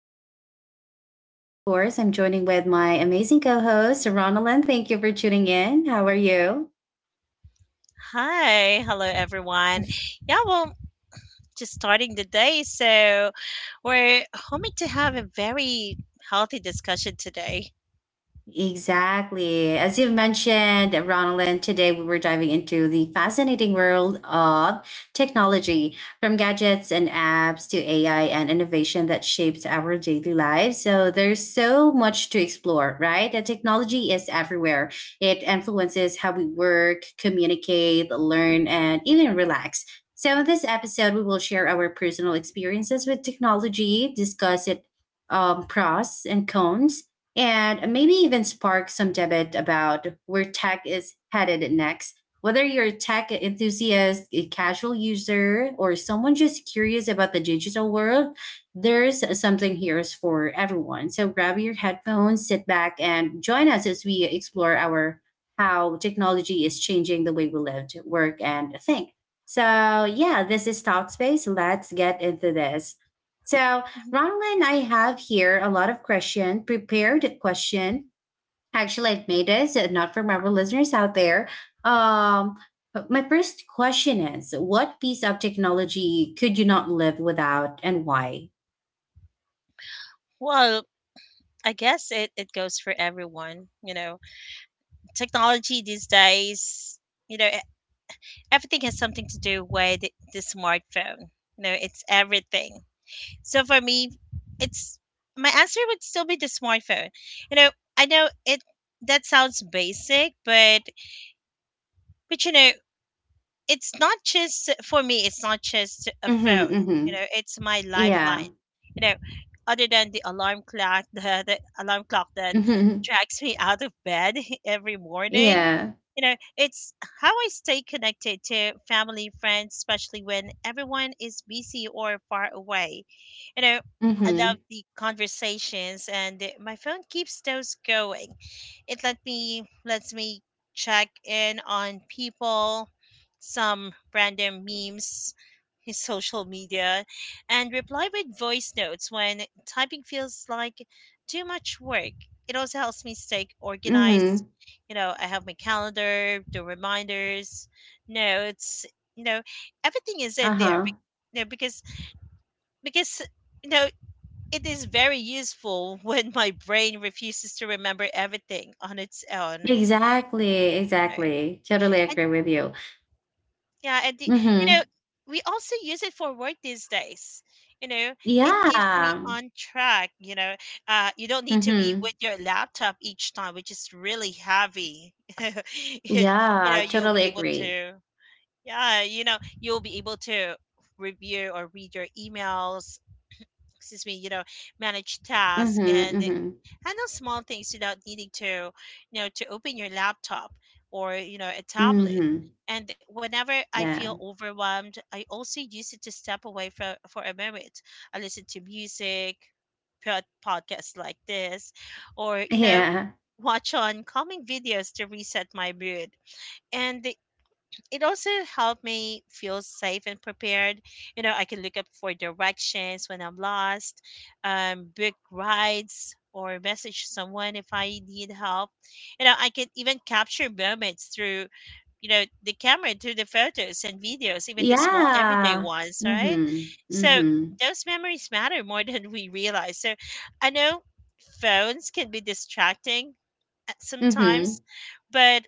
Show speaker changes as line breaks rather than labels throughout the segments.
I'll be your host for today. Of course, I'm joining with my amazing co host, Ronalyn. Thank you for tuning in. How are you?
Hi, hello everyone. Yeah, well, just starting the day, so we're hoping to have a very healthy discussion today.
Exactly. As you've mentioned, Ronalyn, today we were diving into the fascinating world of technology, from gadgets and apps to AI and innovation that shapes our daily lives. So there's so much to explore, right? And technology is everywhere. It influences how we work, communicate, learn, and even relax. So in this episode, we will share our personal experiences with technology, discuss it pros and cons, and maybe even spark some debate about where tech is headed next. Whether you're a tech enthusiast, a casual user, or someone just curious about the digital world, there's something here for everyone. So grab your headphones, sit back, and join us as we explore our how technology is changing the way we live, work, and think. So yeah, this is Talkspace. Let's get into this. So Ronlin, I have here a lot of question, prepared question. Actually, I've made it, so not from our listeners out there. Um, but my first question is, what piece of technology could you not live without, and why?
Well, I guess it goes for everyone. You know, technology these days, you know, e- everything has something to do with the smartphone. You know, it's everything. So for me, it's my answer would still be the smartphone. You know, I know it that sounds basic, but you know it's not just for me, it's not just a
Mm-hmm,
phone, you
mm-hmm.
know, it's my
Yeah.
lifeline, you know, other than the alarm clock the alarm clock that
Mm-hmm.
drags me out of bed every morning.
Yeah.
You know, it's how I stay connected to family, friends, especially when everyone is busy or far away. You know, I love
Mm-hmm.
the conversations and my phone keeps those going. It lets me check in on people, some random memes, his social media, and reply with voice notes when typing feels like too much work. It also helps me stay organized.
Mm-hmm.
You know, I have my calendar, the reminders, notes. You know, everything is in there.
Uh-huh.
You know, because you know it is very useful when my brain refuses to remember everything on its own.
Exactly.
Right.
Exactly. Totally
And
agree with you.
yeah, you know,
Mm-hmm.
we also use it for work these days. You know, it keeps me
Yeah.
on track. You know, you don't need to be
Mm-hmm.
with your laptop each time, which is really heavy. it, you know,
Yeah.
you'll
Totally
be able
agree.
to, yeah, you know, you'll be able to review or read your emails. Excuse me, you know, manage tasks
Mm-hmm.
and
Mm-hmm.
handle small things without needing to, you know, to open your laptop, or you know a tablet.
Mhm.
And whenever I feel
Yeah.
overwhelmed, I also use it to step away for a moment. I listen to music, podcasts like this, or you know
Yeah.
watch on calming videos to reset my mood. And it also helped me feel safe and prepared. You know, I can look up for directions when I'm lost, book rides, or message someone if I need help. You know, I can even capture moments through, you know, the camera, through the photos and videos, even the small everyday
Yeah.
ones, right?
Mhm.
So
Mhm.
those memories matter more than we realize. So I know phones can be distracting sometimes,
Mhm.
but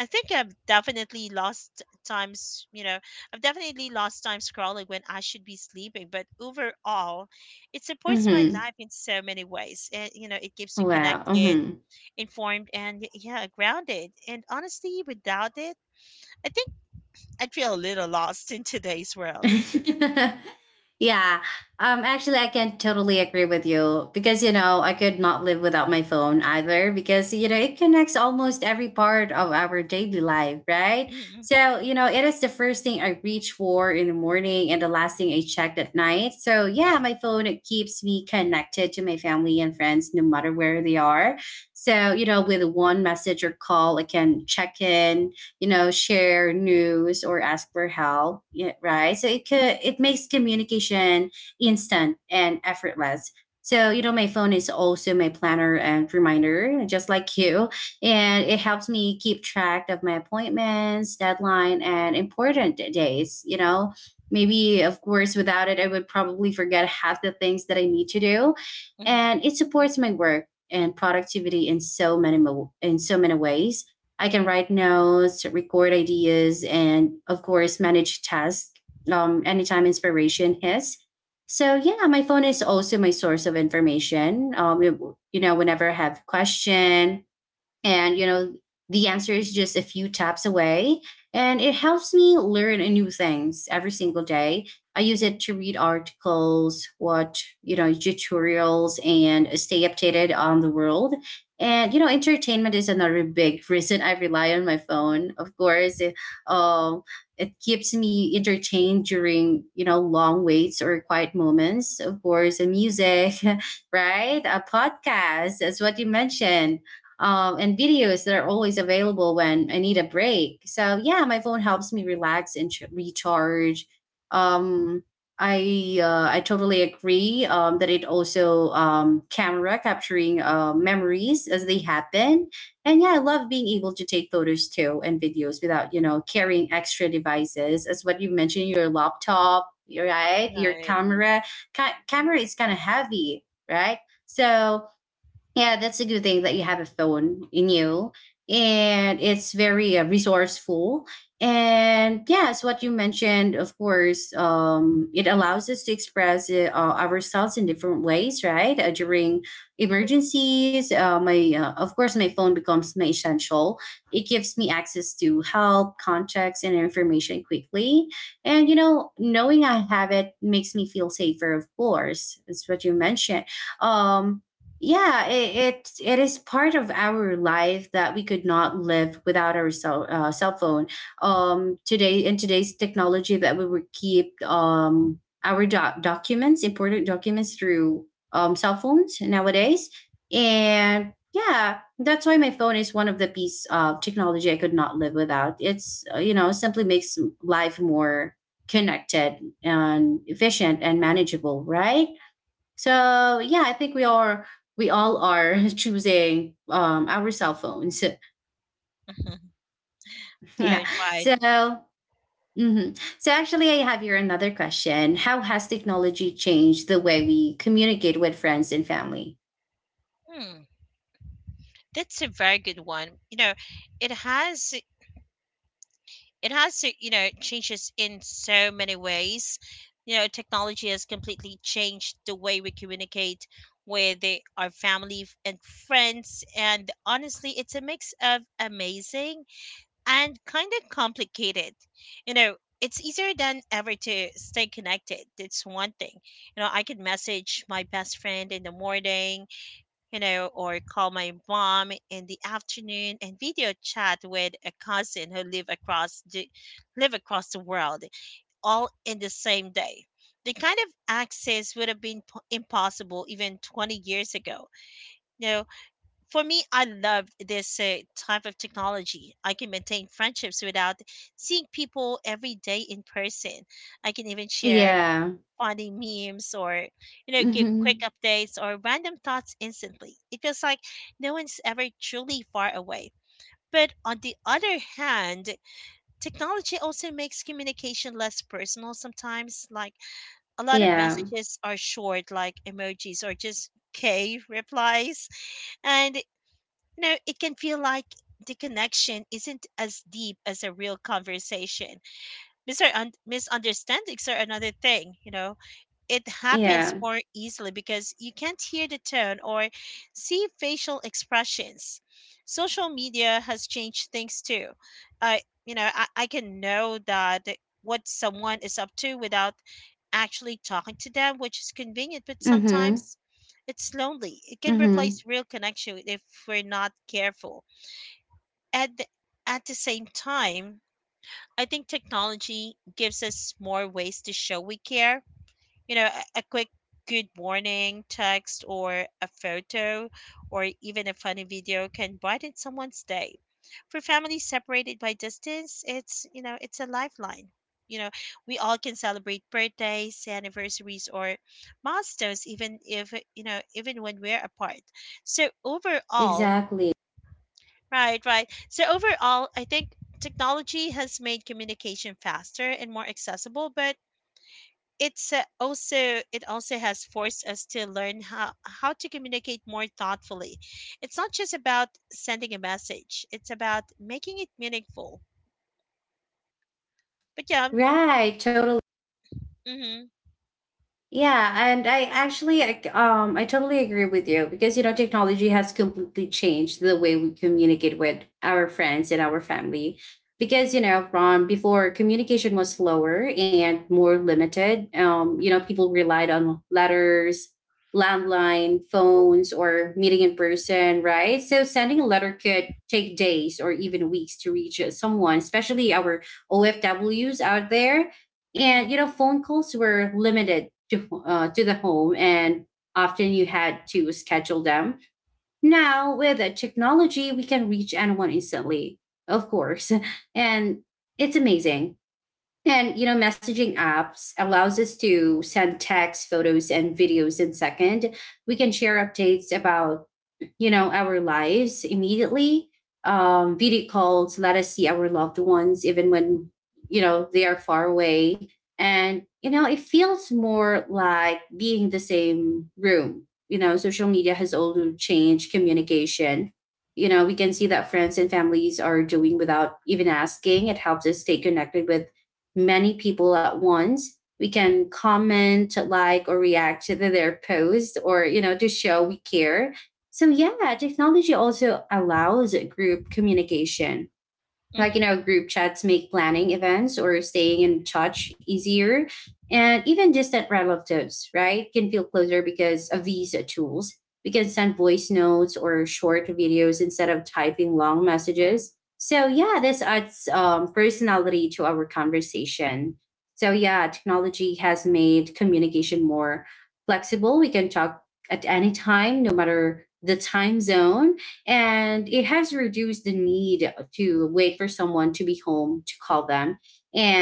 I think I've definitely lost times, you know, I've definitely lost time scrolling when I should be sleeping. But overall, it supports my
Mhm.
life in so many ways. And, you know, it keeps you
Wow.
connected,
Mhm.
informed, and yeah, grounded. And honestly, without it, I think I'd feel a little lost in today's world.
yeah. Actually, I can totally agree with you because you know, I could not live without my phone either because you know, it connects almost every part of our daily life, right?
Mm.
So, you know, it is the first thing I reach for in the morning and the last thing I check at night. So, yeah,
Right.
my phone, it keeps me connected to my family and friends no matter where they are. So, you know, with one message or call, I can check in, you know, share news or ask for help, yeah, right, so it could, it makes communication instant and effortless. So you know, my phone is also my planner and reminder, just like you, and it helps me keep track of my appointments, deadline, and important days. You know, maybe of course without it, I would probably forget half the things that I need to do.
Mhm,
And it supports my work and productivity in so many ways. I can write notes, record ideas, and of course, manage tasks anytime inspiration hits. So yeah, my phone is also my source of information. You know, whenever I have question, and, you know, the answer is just a few taps away. And it helps me learn new things every single day. I use it to read articles, watch, you know, tutorials, and stay updated on the world. And, you know, entertainment is another big reason I rely on my phone. Of course, um, it keeps me entertained during, you know, long waits or quiet moments. Of course, the music, right? A podcast, that's what you
mhm.
mentioned, and videos that are always available when I need a break. So yeah, my phone helps me relax and recharge. Um, I totally agree that it also, camera, capturing memories as they happen, and yeah, I love being able to take photos too and videos without you know carrying extra devices. As what you mentioned, your laptop, right? Your
Right.
camera, camera is kind of heavy, right? So yeah, that's a good thing that you have a phone in you, and it's very resourceful. And yes, what you mentioned, of course, it allows us to express ourselves in different ways, right? During emergencies, my of course, my phone becomes my essential. It gives me access to help, contacts, and information quickly. And you know, knowing I have it makes me feel safer. Of course, that's what you mentioned. Um, yeah, it is part of our life that we could not live without our cell phone today, in today's technology, that we would keep our documents, important documents through cell phones nowadays. And yeah, that's why my phone is one of the piece of technology I could not live without. It's you know, simply makes life more connected and efficient and manageable, right? So yeah, I think we are, we all are choosing our cell phones.
Mhm.
yeah.
Right, right.
So mhm. So actually, I have here another question. How has technology changed the way we communicate with friends and family?
Hmm. That's a very good one. You know, it has it has to, you know, it changes in so many ways. You know, technology has completely changed the way we communicate with our family and friends, and honestly it's a mix of amazing and kind of complicated. You know, it's easier than ever to stay connected. It's one thing, you know, I could message my best friend in the morning, you know, or call my mom in the afternoon and video chat with a cousin who live across the world, all in the same day. The kind of access would have been impossible even 20 years ago. You know, for me, I loved this type of technology. I can maintain friendships without seeing people every day in person. I can even share
Yeah.
funny memes or, you know, give quick
Hmm.
updates or random thoughts instantly. It feels like no one's ever truly far away. But on the other hand, technology also makes communication less personal sometimes. Like a lot of
Yeah.
messages are short, like emojis or just K replies. And, you know, it can feel like the connection isn't as deep as a real conversation. Misunderstandings are another thing, you know it happens
Yeah.
more easily because you can't hear the tone or see facial expressions. Social media has changed things too. Uh, you know, I can know that what someone is up to without actually talking to them, which is convenient, but
Hmm.
sometimes it's lonely. It can
Hmm.
replace real connection if we're not careful. And at the same time, I think technology gives us more ways to show we care. You know, a quick good morning text or a photo or even a funny video can brighten someone's day. For families separated by distance, it's, you know, it's a lifeline. You know, we all can celebrate birthdays, anniversaries, or milestones, even if, you know, even when we're apart. So, overall,
Exactly.
right, right. So, overall, I think technology has made communication faster and more accessible, but it's uh, also it also has forced us to learn how to communicate more thoughtfully. It's not just about sending a message, it's about making it meaningful. But yeah.
Right. Totally.
Hmm.
Yeah, and I actually I totally agree with you because you know technology has completely changed the way we communicate with our friends and our family, because you know from before, communication was slower and more limited. You know, people relied on letters, landline phones, or meeting in person, right? So sending a letter could take days or even weeks to reach someone, especially our OFWs out there. And
Hmm.
you know, phone calls were limited to the home, and often you had to schedule them. Now with the technology, we can reach anyone instantly, of course, and it's amazing. And you know, messaging apps allows us to send text, photos, and videos in second. We can share updates about, you know, our lives immediately. Video calls let us see our loved ones, even when, you know, they are far away. And, you know, it feels more like being in the same room. You know, social media has also changed communication. You know, we can see that friends and families are doing without even asking. It helps us stay connected with many people at once. We can comment, like, or react to their post, or, you know, to show we care. So yeah, technology also allows group communication, like you
Hmm.
know, group chats make planning events or staying in touch easier, and even distant relatives, right, can feel closer because of these tools. We can send voice notes or short videos instead of typing long messages, so yeah, this adds personality to our conversation. So yeah, technology has made communication more flexible. We can talk at any time, no matter the time zone, and it has reduced the need to wait for someone to be home to call them.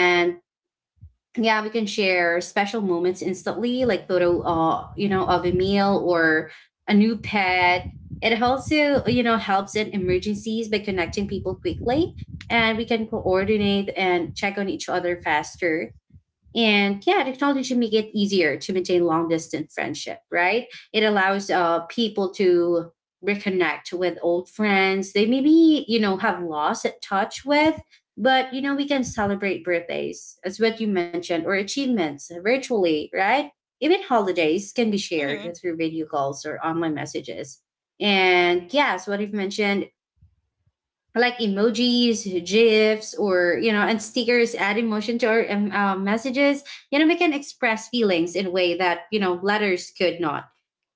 Right.
yeah, we can share special moments instantly, like you know, of a meal or a new pet. It also, you know, helps in emergencies by connecting people quickly, and we can coordinate and check on each other faster. And yeah, technology make it easier to maintain long distance friendship, right? It allows people to reconnect with old friends they maybe you know have lost touch with. But you know, we can celebrate birthdays, as what you mentioned, or achievements virtually, right? Even holidays can be
Hmm.
shared through video calls or online messages. And yes, what you've mentioned, like emojis, gifs, or you know, and stickers add emotion to our messages. You know, we can express feelings in a way that you know letters could not.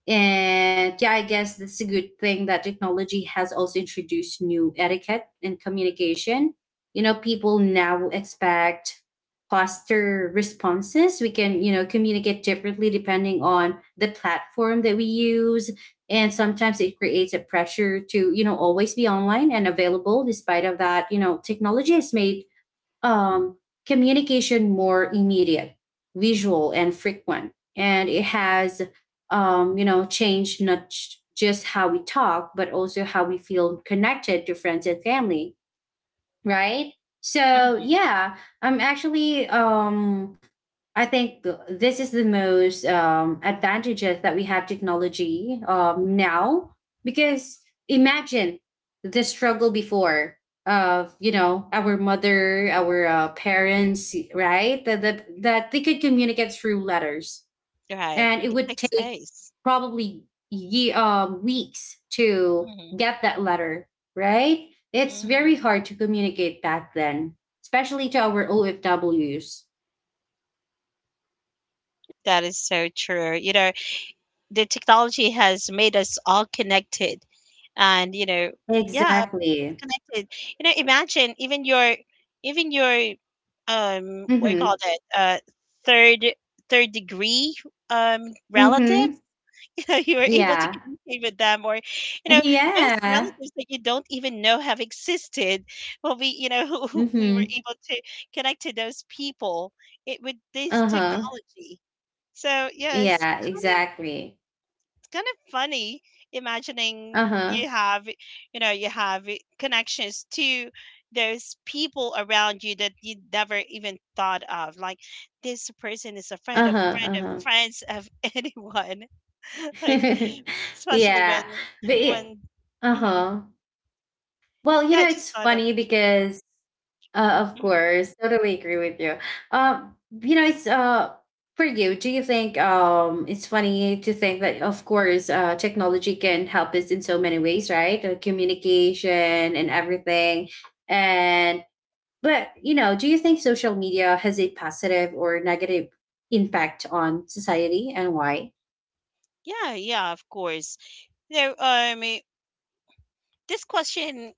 And yeah, I guess that's a good thing that technology has also introduced new etiquette in communication. You know, people now expect faster responses. We can, you know, communicate differently depending on the platform that we use, and sometimes it creates a pressure to you know always be online and available. Despite of that, you know technology has made, um, communication more immediate, visual, and frequent, and it has, you know changed not just how we talk but also how we feel connected to friends and family, right? So
Hmm.
yeah, I'm actually I think this is the most advantages that we have technology now, because imagine the struggle before, of you know our mother, our parents, right, that they could communicate through letters,
Right,
and it
it
would
takes
take
days.
probably weeks to
Hmm.
get that letter, right? It's very hard to communicate back then, especially to our ofws.
That is so true. You know, the technology has made us all connected, and you know, yeah, it's
Exactly.
connected. You know, imagine even your what do you
Mm-hmm.
call that, uh, third third degree
Mm-hmm.
relatives, you know, you are able to
Yeah.
communicate with them, or you know, those
yeah.
relatives that you don't even know have existed. Well, we you know who we
Mm-hmm.
were able to connect to those people, it, with this
Uh-huh.
technology. So yeah, yes,
Yeah, exactly.
kind of funny imagining you
Uh-huh.
have, you know, you have connections to those people around you that you never even thought of, like this person is a friend of
Uh-huh.
friends of anyone. Like,
Uh-huh.
especially when
yeah. but it-
when hmm
uh-huh. Well you
yeah I
know,
just
it's
thought of
funny because, of
mhm.
course, totally agree with you. Um, you know, it's for you, do you think it's funny to think that of course technology can help us in so many ways, right? Communication and everything, and but you know, do you think social media has a positive or negative impact on society and why?
Yeah, yeah, of course. You know, um, this question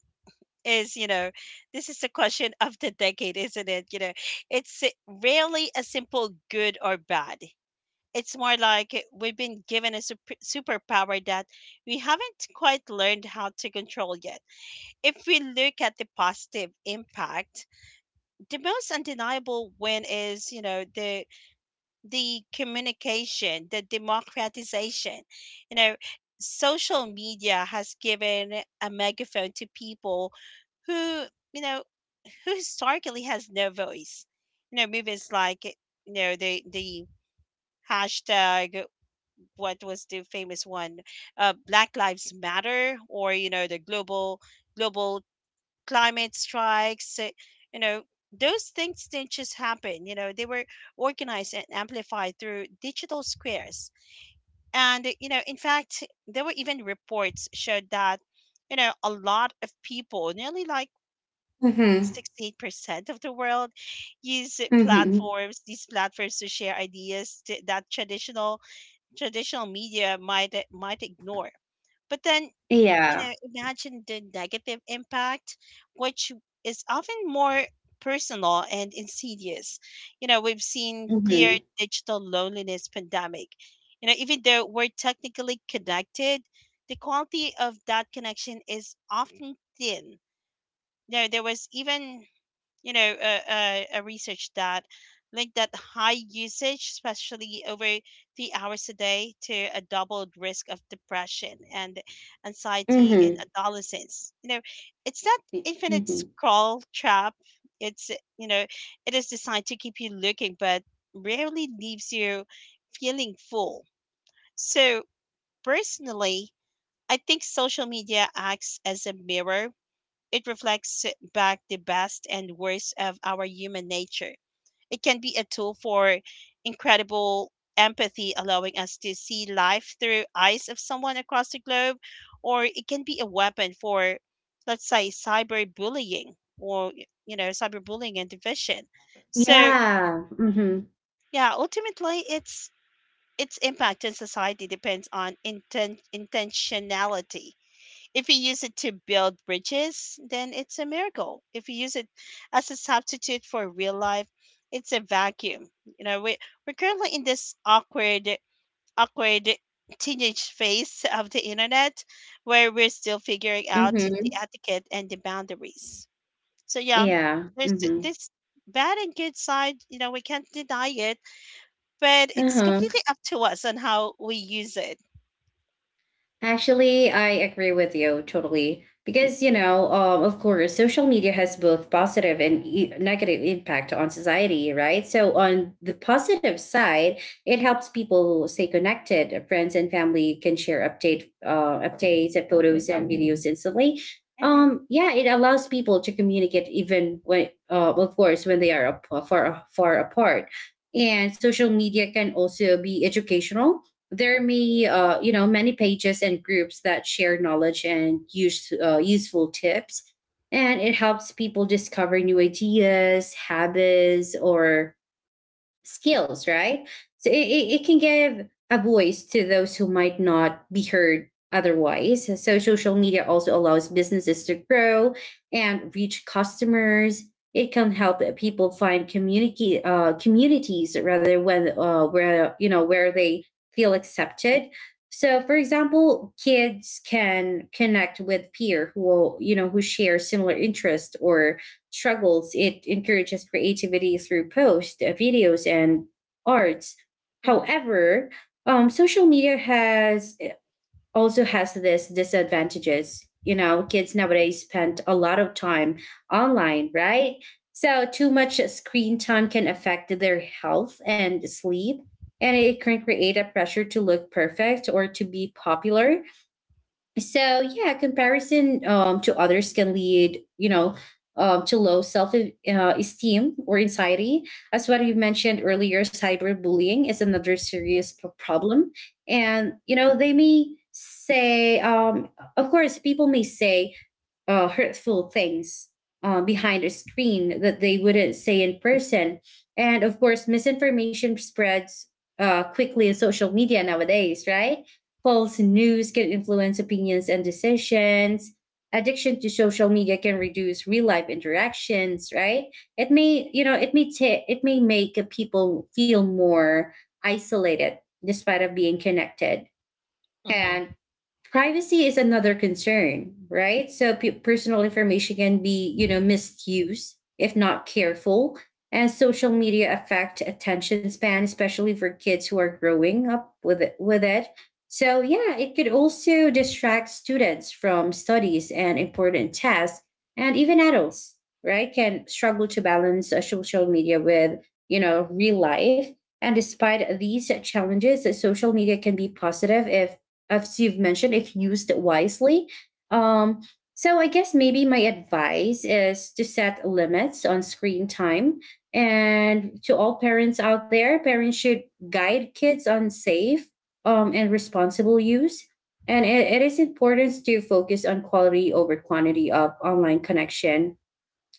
is, you know, this is the question of the decade, isn't it? You know, it's si, rarely a simple good or bad. It's more like we've been given a superpower that we haven't quite learned how to control yet. If we look at the positive impact, the most undeniable win is, you know, the communication, the democratization. You know, social media has given a megaphone to people who, you know, who historically has no voice. You know, movements like, you know, the hashtag, what was the famous one, Black Lives Matter, or you know, the global climate strikes, you know, those things didn't just happen. You know, they were organized and amplified through digital squares. And, you know, in fact, there were even reports showed that, you know, a lot of people, nearly like
Mm-hmm.
68% of the world, use
Mm-hmm.
these platforms to share ideas that traditional media might might ignore. But then you
Yeah.
know, imagine the negative impact, which is often more personal and insidious. You know, we've seen clear
Mm-hmm.
digital loneliness pandemic. You know, even though we're technically connected, the quality of that connection is often thin. You know, there was even you know, research that linked that high usage, especially over 3 hours a day, to a doubled risk of depression and anxiety in
Mm-hmm.
adolescents. You know, it's not infinite
Mm-hmm.
scroll trap. It's You know, it is designed to keep you looking, but rarely leaves you feeling full. So personally, I think social media acts as a mirror. It reflects back the best and worst of our human nature. It can be a tool for incredible empathy, allowing us to see life through eyes of someone across the globe, or it can be a weapon for, let's say, cyberbullying, or you know, cyberbullying and division. So
Yeah. Mm-hmm.
yeah, ultimately, it's its impact in society depends on intentionality. If you use it to build bridges, then it's a miracle. If you use it as a substitute for real life, it's a vacuum. You know, we're currently in this awkward teenage phase of the internet where we're still figuring out the
Mm-hmm.
etiquette and the boundaries. So yeah,
Yeah.
there's
Mm-hmm.
this bad and good side. You know, we can't deny it, but it's
Uh-huh.
completely up to us on how we use it.
Actually, I agree with you totally. Because, you know, of course, social media has both positive and negative impact on society, right? So on the positive side, it helps people stay connected. Friends and family can share updates and photos and videos instantly.
Mm-hmm.
Yeah, it allows people to communicate even of course, when they are far far apart. And social media can also be educational. There may you know, many pages and groups that share knowledge and useful tips, and it helps people discover new ideas, habits or skills, right? It can give a voice to those who might not be heard otherwise. So social media also allows businesses to grow and reach customers. It can help people find community communities rather, when where you know where they feel accepted. So, for example, kids can connect with peer who will, who share similar interest or struggles. It encourages creativity through posts, videos, and arts.
Mm-hmm.
However, social media has also has this disadvantages. You know, kids nowadays spend a lot of time online, right? So too much screen time can affect their health and sleep, and it can create a pressure to look perfect or to be popular. So yeah, comparison to others can lead, to low self- esteem or anxiety. As what you mentioned earlier, cyberbullying is another serious problem, and you know they may say, um, of course, people may say hurtful things behind a screen that they wouldn't say in person. And of course, misinformation spreads quickly in social media nowadays, right? False news can influence opinions and decisions. Addiction to social media can reduce real life interactions, right? It may, you know, it may ta- it may make people feel more isolated despite of being connected.
Mm-hmm.
And privacy is another concern, right? So personal information can be, misused if not careful. And social media affect attention span, especially for kids who are growing up with it. So yeah, it could also distract students from studies and important tasks, and even adults, right, can struggle to balance social media with, you know, real life. And despite these challenges, social media can be positive if, as you've mentioned, if used wisely. Um, so I guess maybe my advice is to set limits on screen time. And to all parents out there, parents should guide kids on safe and responsible use. And it is important to focus on quality over quantity of online connection,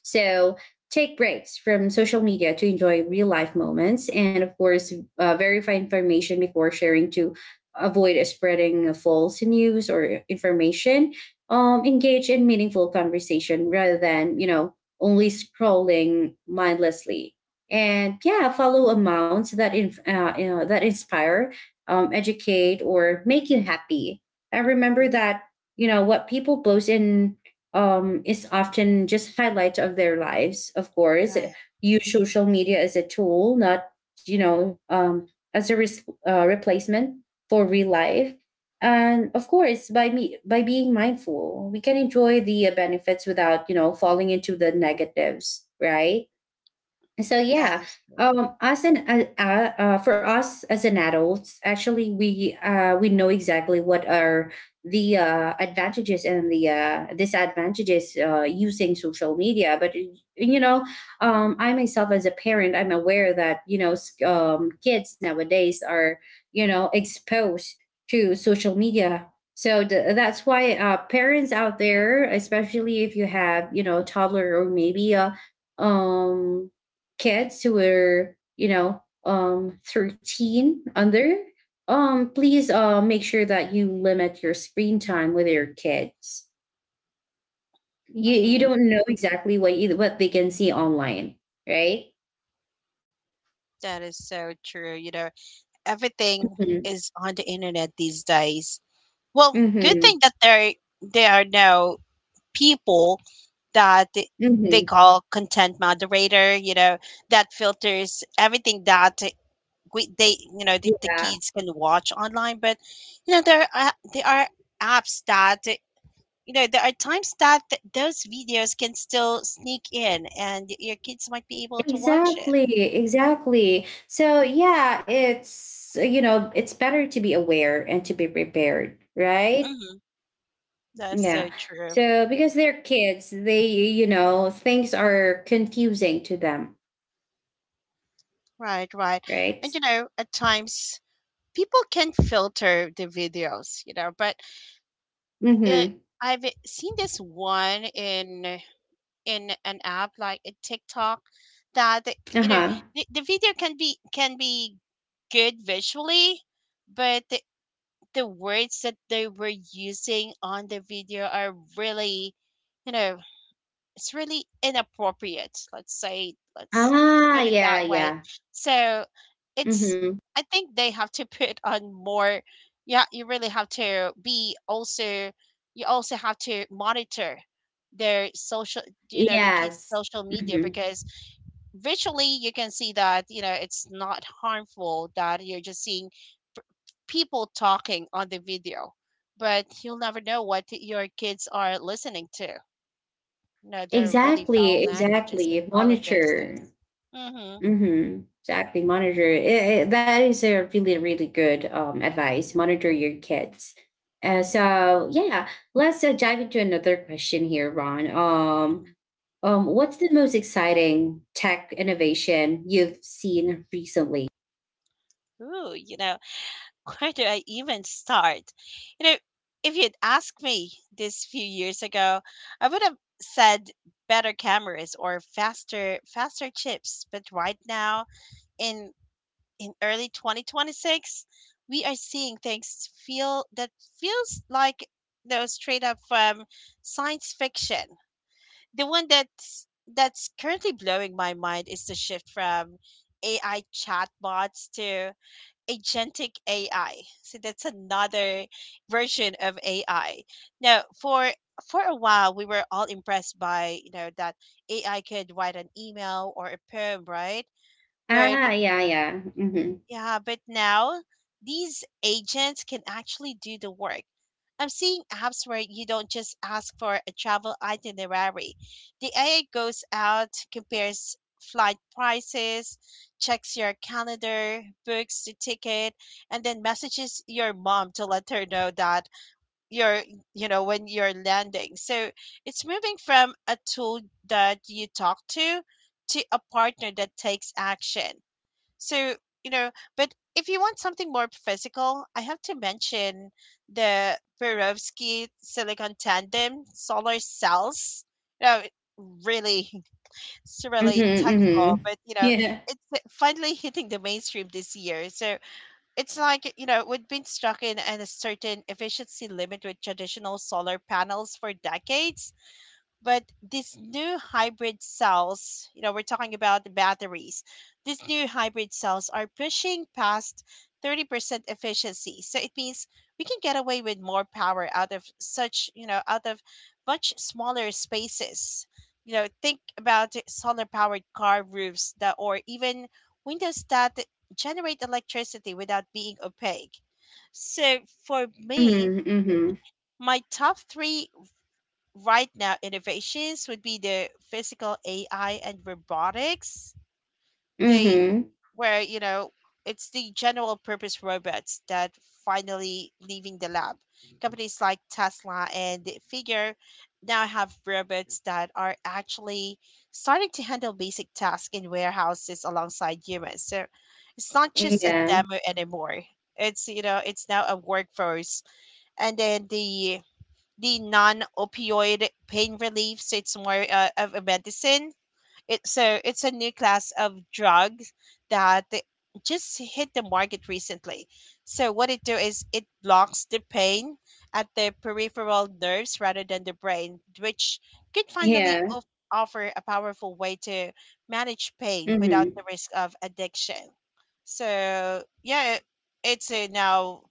so take breaks from social media to enjoy real life moments, and of course verify information before sharing to avoid spreading false news or information. Engage in meaningful conversation rather than only scrolling mindlessly, and yeah, follow amounts that you know, that inspire, educate or make you happy. And remember that you know what people post in is often just highlights of their lives. Of course,
Right.
use social media as a tool, not you know um, as a replacement for real life. And of course, by being mindful, we can enjoy the benefits without you know falling into the negatives, right? So
That
yeah,
is
us and for us as an adults, actually we know exactly what are the advantages and the disadvantages using social media. But you know, I myself as a parent, I'm aware that you know kids nowadays are you know exposed to social media. So that's why parents out there, especially if you have you know toddler or maybe a um kids who are, 13 under, please make sure that you limit your screen time with your kids. You
true.
don't know exactly what they can see online, right?
That is so true. You know, everything
Hmm.
is on the internet these days. Well, good
Hmm.
thing that there are now people that they
Hmm.
call content moderator, you know, that filters everything that you know, the
Yeah.
kids can watch online. But, you know, there are apps that you know there are times that those videos can still sneak in and your kids might be able to watch it.
Exactly, exactly. So yeah, it's you know, it's better to be aware and to be prepared, right?
Hmm. That's so
Yeah.
true.
So because they're kids, they you know things are confusing to them,
Right, right.
right?
And you know, at times, people can filter the videos, you know, but it,
Mm-hmm.
I've seen this one in an app like a TikTok that,
Uh
you know,
huh.
the video can be good visually, but the words that they were using on the video are really, you know, it's really inappropriate, let's say, let's
Ah,
put it
yeah,
that way.
yeah.
So it's
Mm-hmm.
I think they have to put on more. Yeah, you really have to be also, you also have to monitor their social you know the kids
Yes.
social media,
Mm-hmm.
because visually you can see that, you know, it's not harmful, that you're just seeing p- people talking on the video. But you'll never know what your kids are listening to. No, they're really foul
Exactly.
languages and
Exactly.
all of those things.
Monitor.
Mm-hmm.
Mm-hmm. Exactly. Monitor. That is a really, really good advice. Monitor your kids. So yeah, let's dive into another question here, Ron.
Hmm.
What's the most exciting tech innovation you've seen recently?
Ooh, you know, where do I even start? You know, if you'd asked me this few years ago, I would have said better cameras or faster chips. But right now, in early 2026, we are seeing things feels like those straight up from science fiction. The one that's currently blowing my mind is the shift from AI chatbots to agentic AI. So that's another version of AI. Now, for a while, we were all impressed by, you know, that AI could write an email or a poem, right? But
Ah, yeah, yeah. Mm-hmm.
yeah, but now these agents can actually do the work. I'm seeing apps where you don't just ask for a travel itinerary. The AI goes out, compares flight prices, checks your calendar, books the ticket, and then messages your mom to let her know that you're, when you're landing. So it's moving from a tool that you talk to a partner that takes action. So, you know, but if you want something more physical, I have to mention the Perovsky silicon tandem solar cells. You know, it's
Mm-hmm.
really
Mm-hmm.
technical, but, you know,
Yeah.
it's finally hitting the mainstream this year. So it's like, you know, we've been stuck in, a certain efficiency limit with traditional solar panels for decades, but these new hybrid cells, you know, we're talking about the batteries. These new hybrid cells are pushing past 30% efficiency. So it means we can get away with more power out of such, you know, out of much smaller spaces. You know, think about solar powered car roofs that or even windows that generate electricity without being opaque. So for me,
Mm-hmm. Mm-hmm.
my top three right now innovations would be the physical AI and robotics. They
Mm-hmm.
Where, you know, it's the general purpose robots that finally leaving the lab. Companies like Tesla and Figure now have robots that are actually starting to handle basic tasks in warehouses alongside humans. So it's not just a
Yeah.
demo anymore. It's you know it's now a workforce. And then the non-opioid pain relief, so it's more of a medicine, it so it's a new class of drugs that it just hit the market recently. So what it do is it blocks the pain at the peripheral nerves rather than the brain, which could finally
Yeah.
offer a powerful way to manage pain without
Mm-hmm.
the risk of addiction. So yeah, it's now,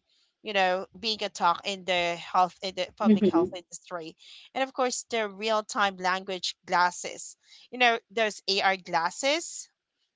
you know, being a talk in the public health
Mm-hmm.
industry. And of course, the real time language glasses, you know, those AR glasses.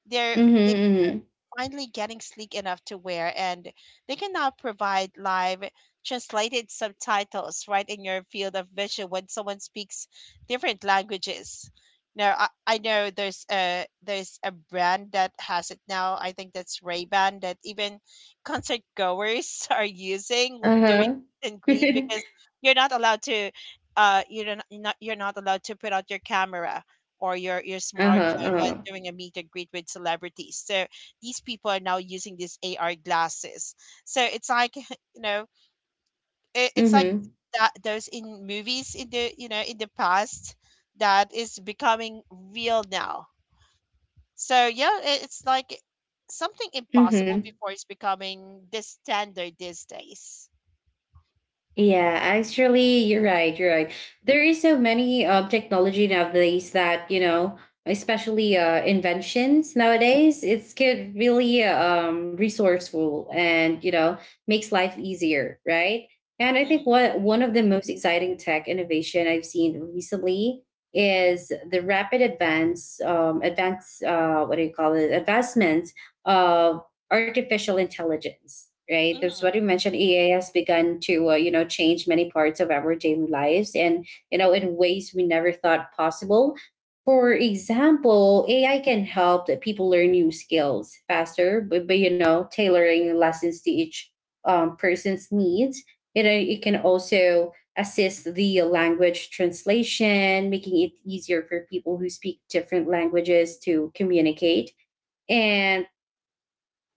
They're
Mm-hmm. Mm-hmm.
finally getting sleek enough to wear, and they can now provide live translated subtitles right in your field of vision when someone speaks different languages. Now, I know there's a, there's a brand that has it now. I think that's Ray-Ban, that even concert goers are using during
Uh-huh.
meet and greet, because you're not allowed to, you don't, not, you're not allowed to put out your camera or your
uh-huh.
smartphone when
Uh-huh.
doing a meet and greet with celebrities. So these people are now using these AR glasses. So it's like, you know, it's like
Mm-hmm.
that those in movies in the, past, that is becoming real now. So yeah, it's like something impossible
Mm-hmm.
before is becoming the standard these days.
Yeah, actually, you're right. You're right. There is so many technology nowadays that you know, especially inventions nowadays. It's get really resourceful, and you know makes life easier, right? And I
Mm-hmm,
think what one of the most exciting tech innovation I've seen recently is the rapid advance, advance, what do you call it, advancement of artificial intelligence, right? That's
mm-hmm,
what you mentioned. Ea Has begun to you know, change many parts of our daily lives, and you know, in ways we never thought possible. For example, AI can help that people learn new skills faster, but you know, tailoring lessons to each person's needs. You know, it can also assist the language translation, making it easier for people who speak different languages to communicate. And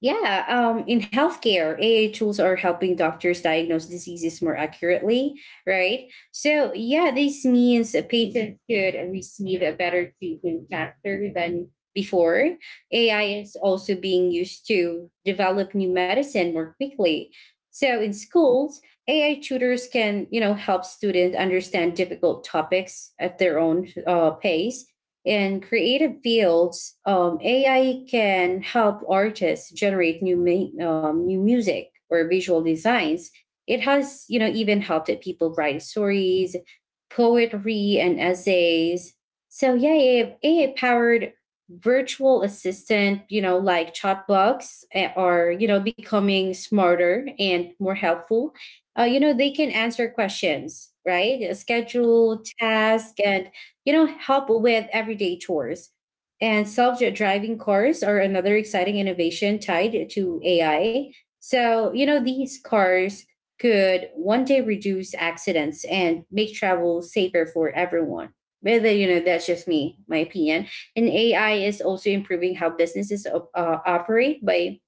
yeah, in healthcare, AI tools are helping doctors diagnose diseases more accurately, right? So, yeah, this means a patient could receive a better treatment faster than before. AI is also being used to develop new medicine more quickly. So, in schools, AI tutors can, you know, help students understand difficult topics at their own pace. In creative fields, AI can help artists generate new music or visual designs. It has, you know, even helped it people write stories, poetry, and essays. So yeah, AI, powered virtual assistant, you know, like chatbots are, you know, becoming smarter and more helpful. You know, they can answer questions, right?
mm-hmm,
Schedule, task, and you know, help with everyday chores. And self driving cars are another exciting innovation tied to AI. So, you know, these cars could one day reduce accidents and make travel safer for everyone. Whether, you know, that's just me, my opinion. And AI is also improving how businesses operate by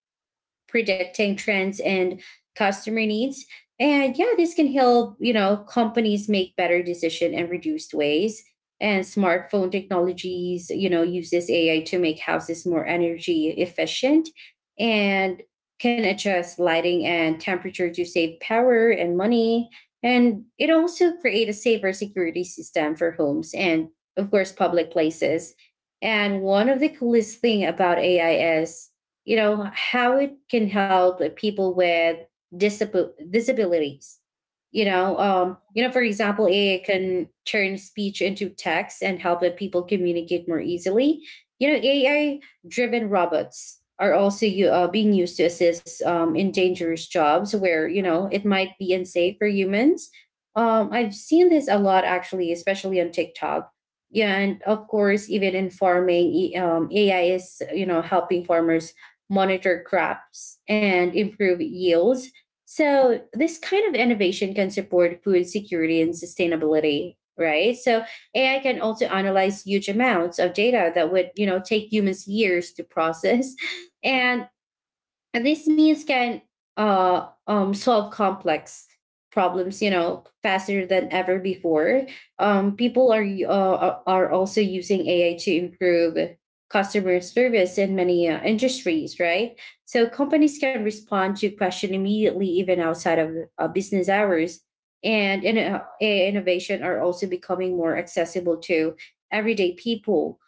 predicting trends and customer needs. And yeah, this can help, you know, companies make better decision and reduced waste. And smartphone technologies, you know, uses AI to make houses more energy efficient, and can adjust lighting and temperature to save power and money. And it also create a safer security system for homes and of course public places. And one of the coolest thing about AI is you know, how it can help people with disabilities. You know, for example, AI can turn speech into text and help the people communicate more easily. You know, AI-driven robots are also being used to assist in dangerous jobs where you know
mm-hmm,
it might be unsafe for humans. I've seen this a lot actually, especially on TikTok. Yeah, and of course, even in farming, AI is you know helping farmers monitor crops, and improve yields. So, this kind of innovation can support food security and sustainability, right? So, AI can also analyze huge amounts of data that would, you know, take humans years to process. And
mm-hmm.
these means can solve complex problems, you know, faster than ever before. People are also using AI to improve customer service in many industries, right? So companies can respond to question immediately, even outside of business hours. And AI innovation are also becoming more accessible to everyday people.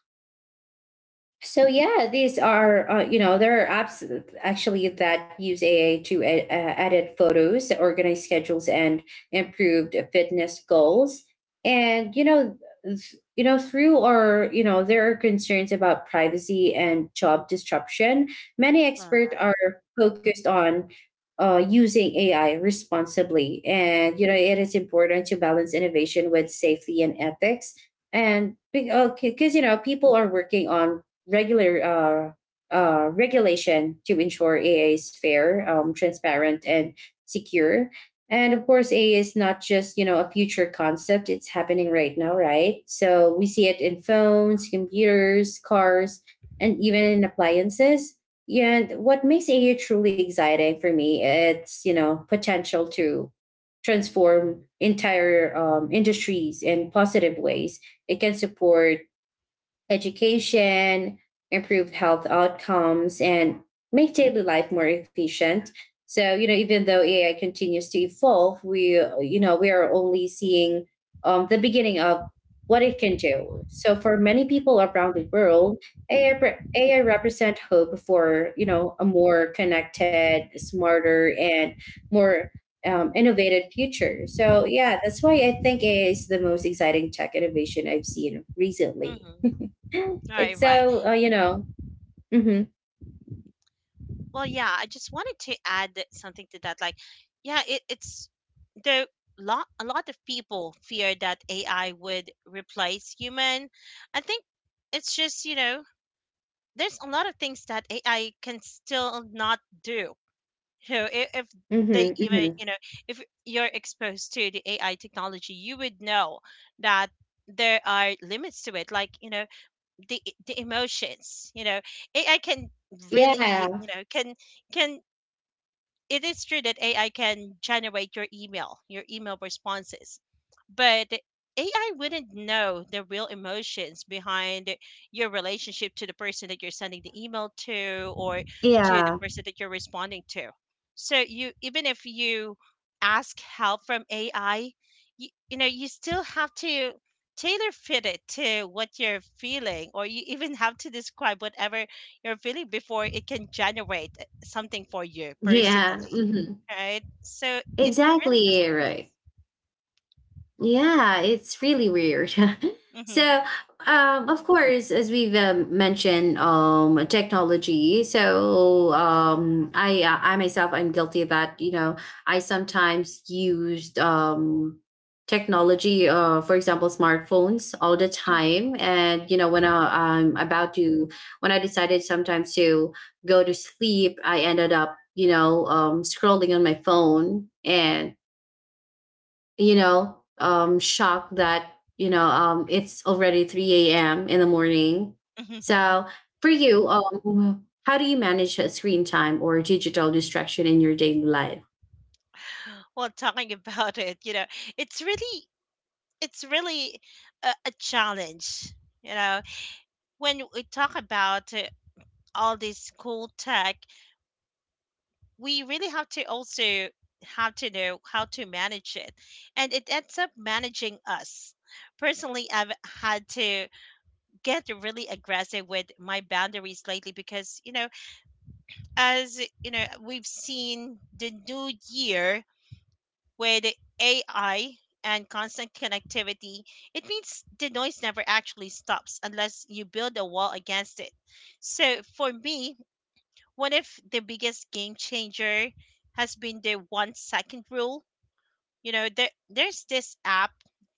So yeah, these are you know, there are apps actually that use AA to edit photos, organize schedules, and improved fitness goals. And you know, you know, through our you know there are concerns about privacy and job disruption. Many
All
experts
right.
are focused on using AI responsibly, and you know it is important to balance innovation with safety and ethics, and because you know people are working on regular regulation to ensure AI is fair, transparent, and secure. And of course, AI is not just you know a future concept; it's happening right now, right? So we see it in phones, computers, cars, and even in appliances. Yeah, and what makes AI truly exciting for me, it's you know potential to transform entire industries in positive ways. It can support education, improve health outcomes, and make daily life more efficient. So, you know, even though AI continues to evolve, we, you know, we are only seeing the beginning of what it can do. So, for many people around the world, AI represent hope for, you know, a more connected, smarter, and more innovative future. So, yeah, that's why I think AI is the most exciting tech innovation I've seen recently.
Mm-hmm. All
it's
right, right.
so you know. hmm
Well, yeah, I just wanted to add something to that. Like, yeah, it's there. Lot a lot of people fear that AI would replace human. I think it's just, you know, there's a lot of things that AI can still not do. You know, if
hmm
they, even, you
hmm
know, if you're exposed to the AI technology, you would know that there are limits to it. Like, you know, the the emotions. You know, AI can really,
Yeah.
you know, can it is true that AI can generate your email responses, but AI wouldn't know the real emotions behind your relationship to the person that you're sending the email to, or to the
Yeah.
person that you're responding to. So, you even if you ask help from AI, you still have to tailor fit it to what you're feeling, or you even have to describe whatever your feeling before it can generate something for you
Yeah.
personally, right? So it really has
Exactly
limits.
right. Yeah, it's really weird.
Mm-hmm.
so, of course, as we've mentioned, technology. So, I myself, I'm guilty of that. You know, I sometimes used technology, for example, smartphones all the
Hmm,
time. And you know, when I'm about to, when I decided sometimes to go to sleep, I ended up, you know, scrolling on my phone and you know, shocked that, you know, it's already 3 a.m. in the morning.
hmm.
So for you, how do you manage screen time or digital distraction in your daily life?
Well, talking about it, you know, it's really it's really a, challenge. You know, when we talk about all this cool tech, we really have to also have to know how to manage it, and it ends up managing us. Personally, I've had to get really aggressive with my boundaries lately, because as you know, we've seen the new year with AI and constant connectivity. It means the noise never actually stops unless you build a wall against it. So for me, one of the biggest game changer has been the one second rule. You know, there's this app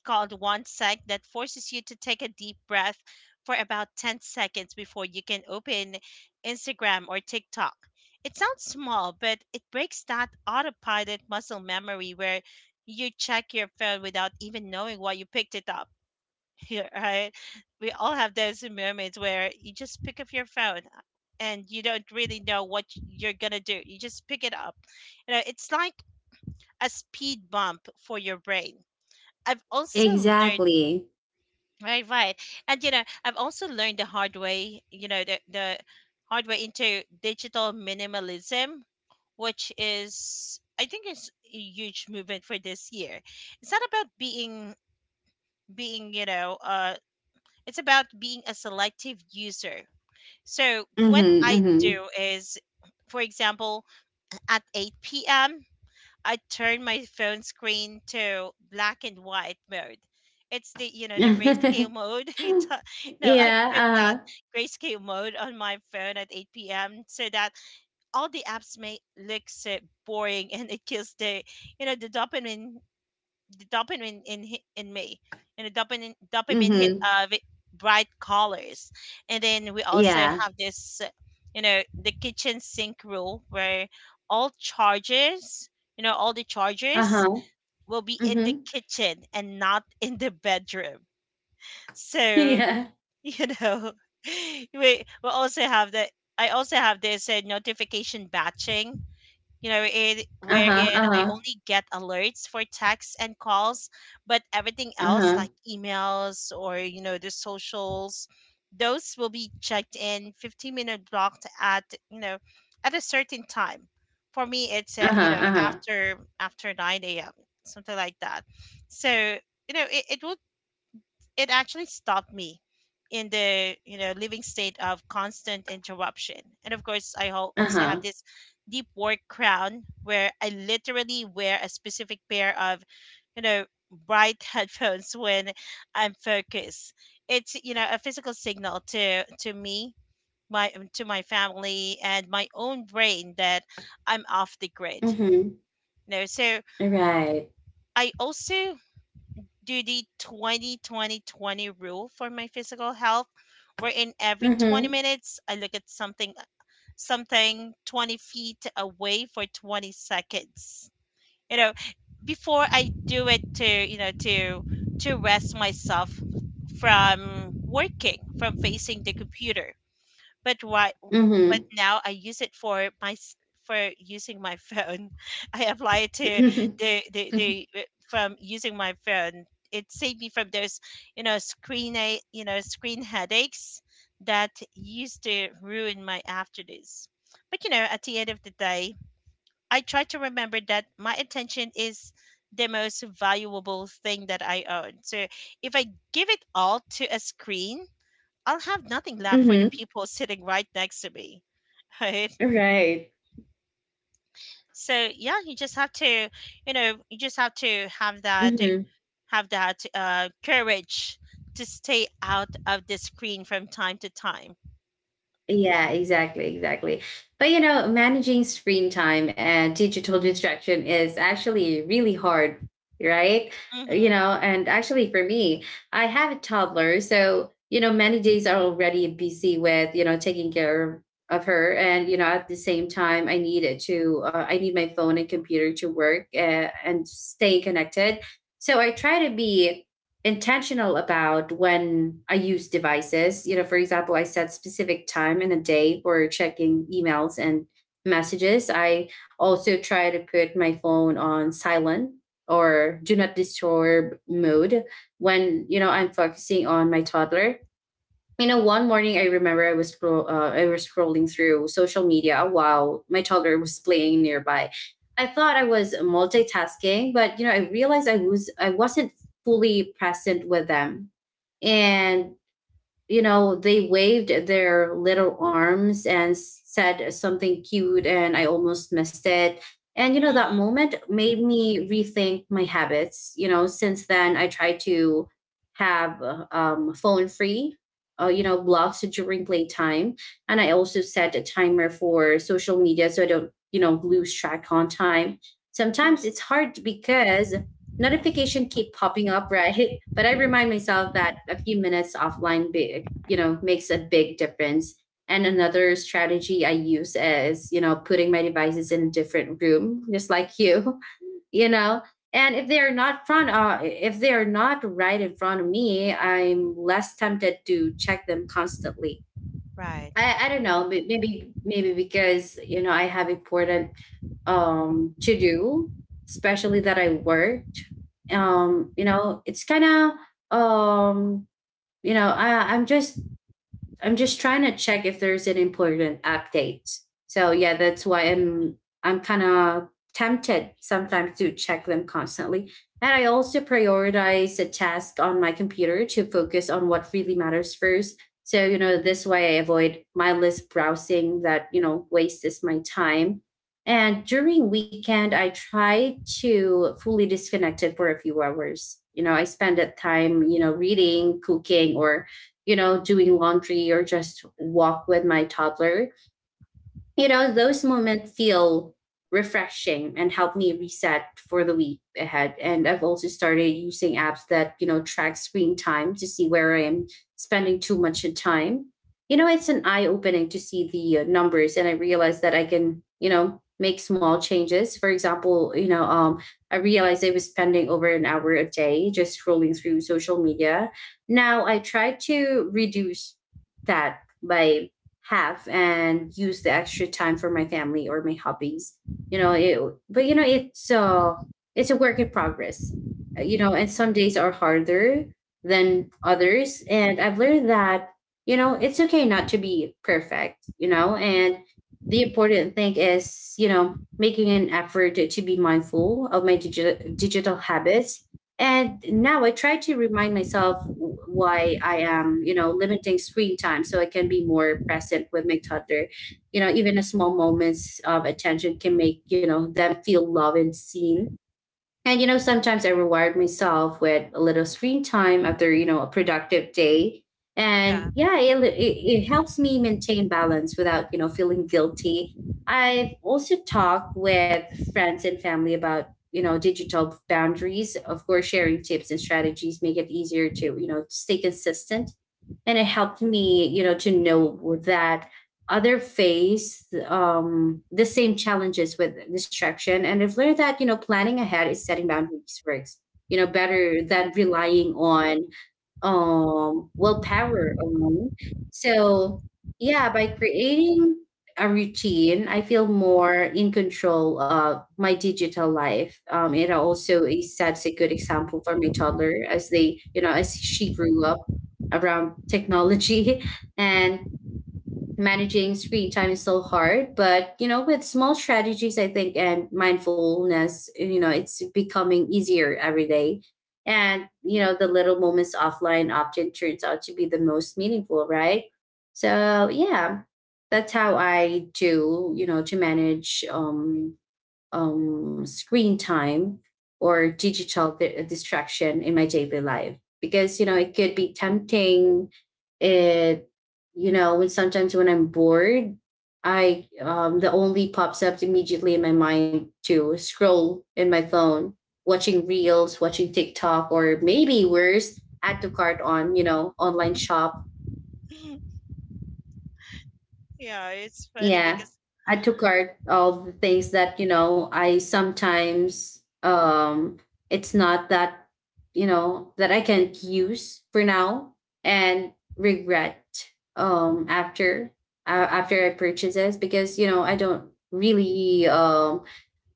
called One Sec that forces you to take a deep breath for about 10 seconds before you can open Instagram or TikTok. It sounds small, but it breaks that autopilot muscle memory where you check your phone without even knowing why you picked it up. Yeah, right? We all have those moments where you just pick up your phone, and you don't really know what you're going to do. You just pick it up. You know, it's like a speed bump for your brain. I've also learned
Exactly.
Right, right. And, you know, I've also learned the hard way. You know, the hard way into digital minimalism, which is I think is a huge movement for this year. It's not about being you know, uh, it's about being a selective user. So what I
Mm-hmm,
do is, for example, at 8 p.m. I turn my phone screen to black and white mode. It's the
mm-hmm.
grayscale mode. No, I put
Yeah.
that
Uh-huh.
grayscale mode on my phone at 8 p.m. so that all the apps may look so boring and it kills the you know the dopamine, the dopamine in me, and the dopamine hit
Mm-hmm.
bright colors. And then we also
Yeah.
have this, you know, the kitchen sink rule where all chargers all the chargers
Uh-huh.
will be in the
Mm-hmm.
kitchen and not in the bedroom. So
Yeah.
you know we also have the I also have this notification batching, you know, it
Uh-huh.
wherein I
Uh-huh.
only get alerts for texts and calls, but everything else
Uh-huh.
like emails or, you know, the socials, those will be checked in 15-minute blocked at you know at a certain time. For me, it's,
Uh-huh. Uh-huh.
after 9 a.m., something like that. So, you know, it actually stopped me in the, living state of constant interruption. And of course, I also have
Uh-huh.
this deep work crown where I literally wear a specific pair of, you know bright headphones when I'm focused. It's, a physical signal to me, my to my family and my own brain that I'm off the grid.
Mm-hmm.
You know, so
Right.
I also do the 20 20 20 rule for my physical health, wherein every 20
Mm-hmm.
minutes I look at something 20 feet away for 20 seconds, you know, before I do it to, you know to rest myself from working from facing the computer. but why but now I use it for my for using my phone. I apply it to
Mm-hmm.
the from using my phone. It saved me from those you know screen a you know screen headaches that used to ruin my afternoons. But, you know, at the end of the day, I try to remember that my attention is the most valuable thing that I own. So if I give it all to a screen, I'll have nothing left for the
Mm-hmm.
people sitting right next to me. Right?
Right.
So yeah, you just have to, you know, you just have to have that
Mm-hmm.
have that courage to stay out of the screen from time to time.
Yeah, exactly, exactly. But you know, managing screen time and digital distraction is actually really hard, right?
Mm-hmm.
You know, and actually for me, I have a toddler, so you know, many days are already busy with you know taking care of her, and you know, at the same time, I need my phone and computer to work and stay connected. So I try to be intentional about when I use devices. You know, for example, I set specific time in the day for checking emails and messages. I also try to put my phone on silent or do not disturb mode when you know I'm focusing on my toddler. You know, one morning I remember I was scrolling through social media while my toddler was playing nearby. I thought I was multitasking, but you know, I realized I wasn't fully present with them. And you know, they waved their little arms and said something cute, and I almost missed it. And, you know, that
Mm-hmm.
moment made me rethink my habits. You know, since then, I try to have phone free, you know, blocks during playtime. And I also set a timer for social media so I don't, you know, lose track on time.
Hmm.
Sometimes it's hard because notification keep popping up, right? But I remind myself that a few minutes offline big, you know, makes a big difference. And another strategy I use is, you know, putting my devices in a different room, just like you, you know. And if they are not right in front of me, I'm less tempted to check them constantly.
Right.
I don't know, maybe because you know I have important to do, especially that I worked. You know, it's kind of um, you know, I'm just trying to check if there's an important update. So yeah, that's why I'm kind of tempted sometimes to check them constantly. And I also prioritize a task on my computer to focus on what really matters first. So, you know, this way I avoid mindless browsing that, you know, wastes my time. And during weekend, I try to fully disconnect it for a few hours. You know, I spend that time, you know, reading, cooking, or you know, doing laundry or just walk with my toddler. You know, those moments feel refreshing and help me reset for the week ahead. And I've also started using apps that, you know, track screen time to see where I am spending too much in time. You know, it's an eye opening to see the numbers and I realize that I can, you know, make small changes. For example, you know, I realized I was spending over an hour a day just scrolling through social media. Now I try to reduce that by have and use the extra time for my family or my hobbies. You know, it, but you know, it's a work in progress. You know, and some days are harder than others. And I've learned that, you know, it's okay not to be perfect, you know, and the important thing is, you know, making an effort to be mindful of my digital habits. And now I try to remind myself why I am you know limiting screen time so I can be more present with my toddler. You know, even a small moments of attention can make you know them feel loved and seen. And you know, sometimes I reward myself with a little screen time after you know a productive day,
Yeah.
and yeah, it helps me maintain balance without you know feeling guilty. I've also talked with friends and family about you know digital boundaries. Of course, sharing tips and strategies make it easier to you know stay consistent, and it helped me you know to know that other face the same challenges with distraction. And I've learned that you know planning ahead is setting boundaries works you know better than relying on willpower alone. So yeah, by creating a routine I feel more in control of my digital life. It also sets a good example for my toddler as they you know as she grew up around technology and managing screen time is so hard, but you know with small strategies I think and mindfulness you know it's becoming easier every day. And you know the little moments offline often turns out to be the most meaningful, right? So yeah, that's how I do you know to manage screen time or digital distraction in my daily life, because you know it could be tempting. It You know, when sometimes when I'm bored, I the only pops up immediately in my mind to scroll in my phone, watching reels, watching TikTok, or maybe worse add to cart on you know online shop.
Yeah. It's funny
Yeah,
because
I took out all the things that you know. I sometimes it's not that you know that I can't use for now and regret after after I purchase this, because you know I don't really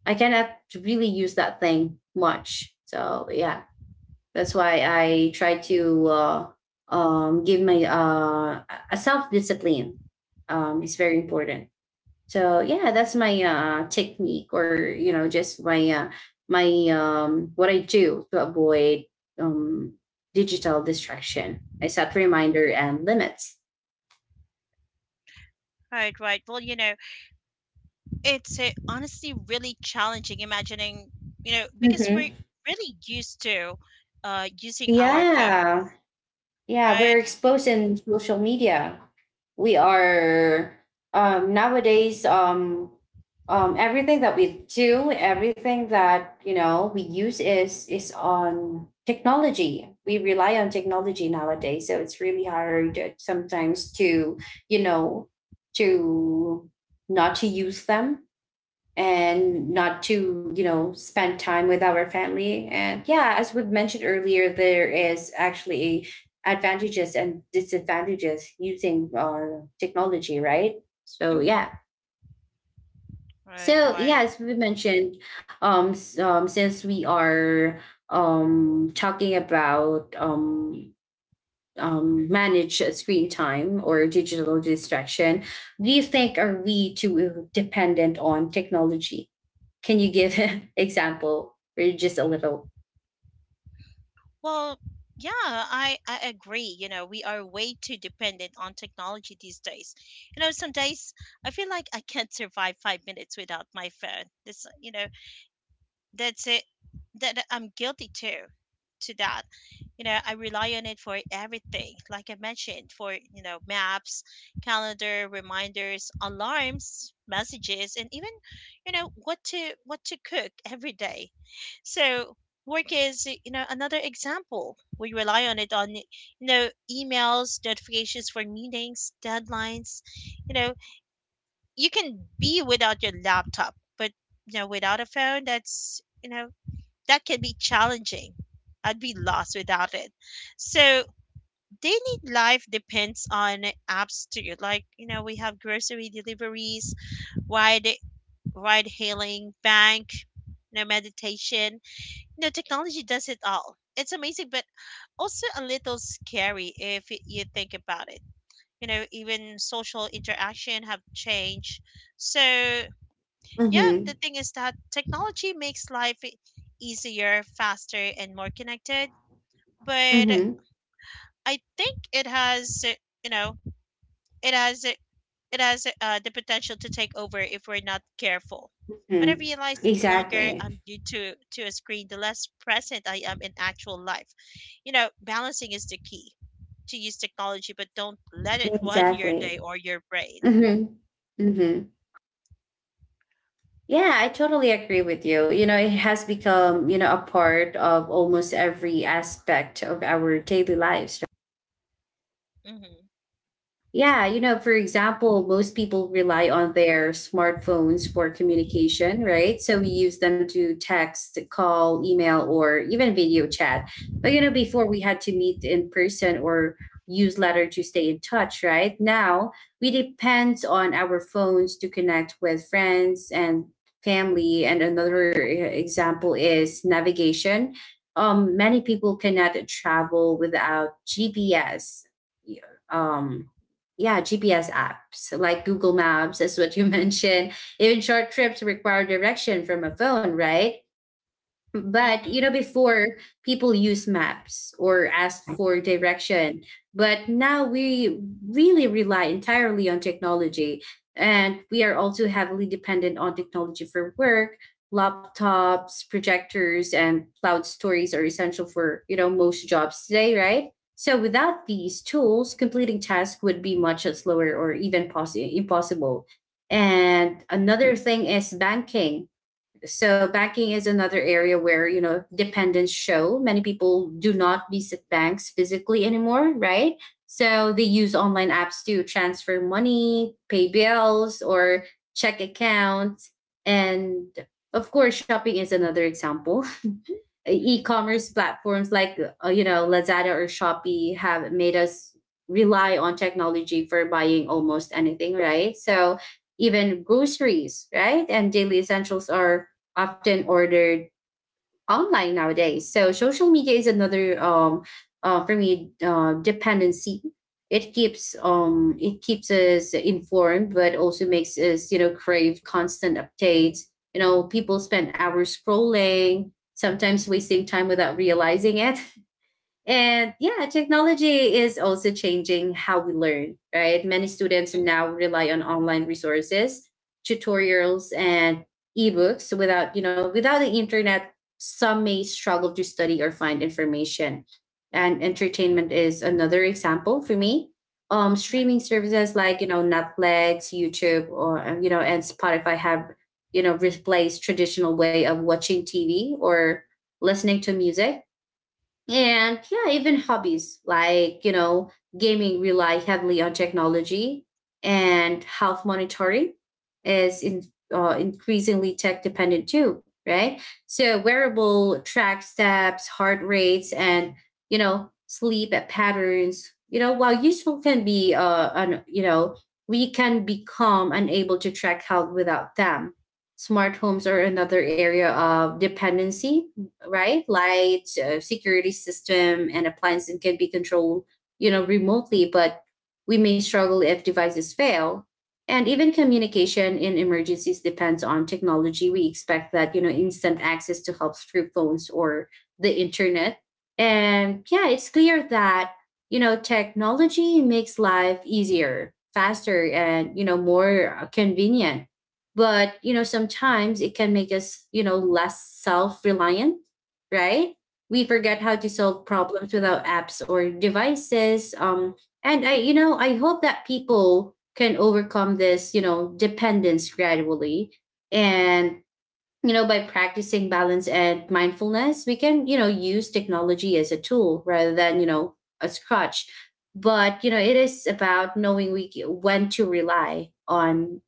I cannot really use that thing much. So yeah, that's why I try to give my a self discipline. Is very important. So yeah, that's my technique, or you know, just my what I do to avoid um, digital distraction. I set reminder and limits.
right, right. Well, you know, it's, honestly really challenging, imagining, you know, because we're
Mm-hmm.
really used to, using our phone,
Yeah. Yeah, we're
right?
exposed in social media. We are nowadays everything that we do, everything that you know we use is on technology. We rely on technology nowadays, so it's really hard sometimes to you know to not to use them and not to you know spend time with our family. And yeah, as we've mentioned earlier there is actually advantages and disadvantages using technology, right? So yeah,
Right,
so yeah
right.
as we mentioned since we are talking about manage screen time or digital distraction. Do you think are we too dependent on technology? Can you give an example or just a little?
Well, yeah, I agree. You know, we are way too dependent on technology these days. You know, some days I feel like I can't survive 5 minutes without my phone. This, you know, that's it, that I'm guilty too to that. You know, I rely on it for everything, like I mentioned, for, maps, calendar reminders, alarms, messages, and even, what to cook every day. So work is, you know, another example. We rely on it on you know, emails, notifications for meetings, deadlines. You know, you can be without your laptop, but, you know, without a phone, that's you know that can be challenging. I'd be lost without it. So daily life depends on apps too. Like, you know, we have grocery deliveries, ride ride hailing, bank, you know, meditation. You know, technology does it all. It's amazing, but also a little scary if you think about it. You know, even social interaction have changed. So yeah,
Mm-hmm.
the thing is that technology makes life easier, faster, and more connected. But
Mm-hmm.
I think you know, it has uh, it has the potential to take over if we're not careful. But I
Mm-hmm.
realize that the longer
Exactly.
I'm glued to a screen, the less present I am in actual life. You know, balancing is the key to use technology, but don't let it run your day
Exactly.
or your brain.
Mm-hmm. Mm-hmm. Yeah, I totally agree with you. You know, it has become, you know, a part of almost every aspect of our daily lives.
Mhm.
Yeah, you know, for example, most people rely on their smartphones for communication, right? So we use them to text, call, email, or even video chat. But, you know, before we had to meet in person or use letter to stay in touch, right? Now we depend on our phones to connect with friends and family. And another example is navigation. Many people cannot travel without GPS. Um, yeah, GPS apps like Google Maps is what you mentioned. Even short trips require direction from a phone, right? But you know,
Mhm.
before people use maps or ask for direction, but now we really rely entirely on technology, and we are also heavily dependent on technology for work. Laptops, projectors, and cloud stories are essential for you know most jobs today, right? So without these tools, completing tasks would be much slower or even possi impossible. And another thing is banking. So banking is another area where, you know, dependents show. Many people do not visit banks physically anymore, right? So they use online apps to transfer money, pay bills, or check accounts. And of course, shopping is another example. E-commerce platforms like you know Lazada or Shopee have made us rely on technology for buying almost anything, right? So even groceries, right? And daily essentials are often ordered online nowadays. So social media is another for me dependency. It keeps us informed, but also makes us you know crave constant updates. You know, people spend hours scrolling, sometimes wasting time without realizing it. And yeah, technology is also changing how we learn, right? Many students
Mhm.
now rely on online resources, tutorials, and ebooks. So without, without the internet, some may struggle to study or find information. And entertainment is another example for me.
Right.
Streaming services like, Netflix, YouTube, or, and Spotify have, replaced traditional way of watching TV or listening to music, and yeah, even hobbies like, gaming rely heavily on technology. And health monitoring is increasingly tech dependent too, right? So wearable track steps, heart rates, and, sleep patterns, while useful can be, we can become unable to track health without them. Smart homes are another area of dependency, right? Light, security system, and appliances can be controlled, remotely, but we may struggle if devices fail. And even communication in emergencies depends on technology. We expect that, instant access to help through phones or the internet. And yeah, it's clear that, technology makes life easier, faster, and, more convenient. But, sometimes it can make us, less self reliant, right? We forget how
Mhm.
to solve problems without apps or devices. And I hope that people can overcome this, dependence gradually. And, by practicing balance and mindfulness, we can, use technology as a tool rather than, a crutch. But, it is about knowing we, when to rely on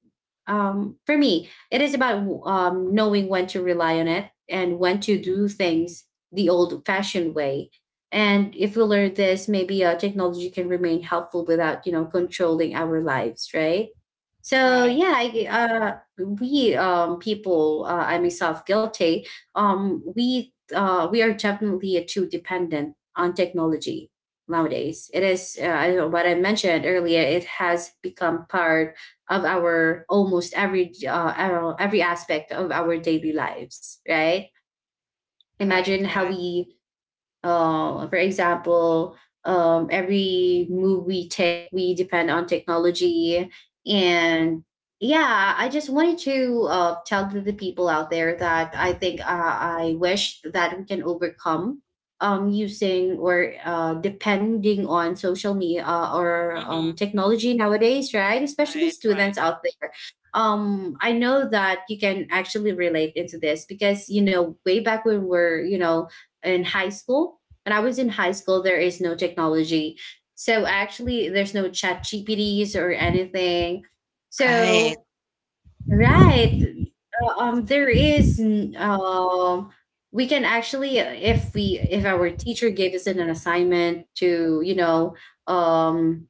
for me, it is about knowing when to rely on it and when to do things the old fashioned way. And if we learn this, maybe technology can remain helpful without, controlling our lives, right? So
Right.
yeah, I myself guilty. We are definitely too dependent on technology nowadays. It is, what I mentioned earlier, it has become part of our almost every aspect of our daily lives, right?
Right.
Imagine how
Right.
we for example, every move we take, we depend on technology. And yeah, I just wanted to tell to the people out there that I think I wish that we can overcome using or depending on social media or
Mhm.
technology nowadays, right? Especially
Right. Right.
students out there. I know that you can actually relate into this because, way back when in high school, when I was in high school, there is no technology. So actually, there's no chat GPTs or anything.
Right.
So, right. uh, Um, there is, n- um, we can actually, if our teacher gave us an assignment to, um,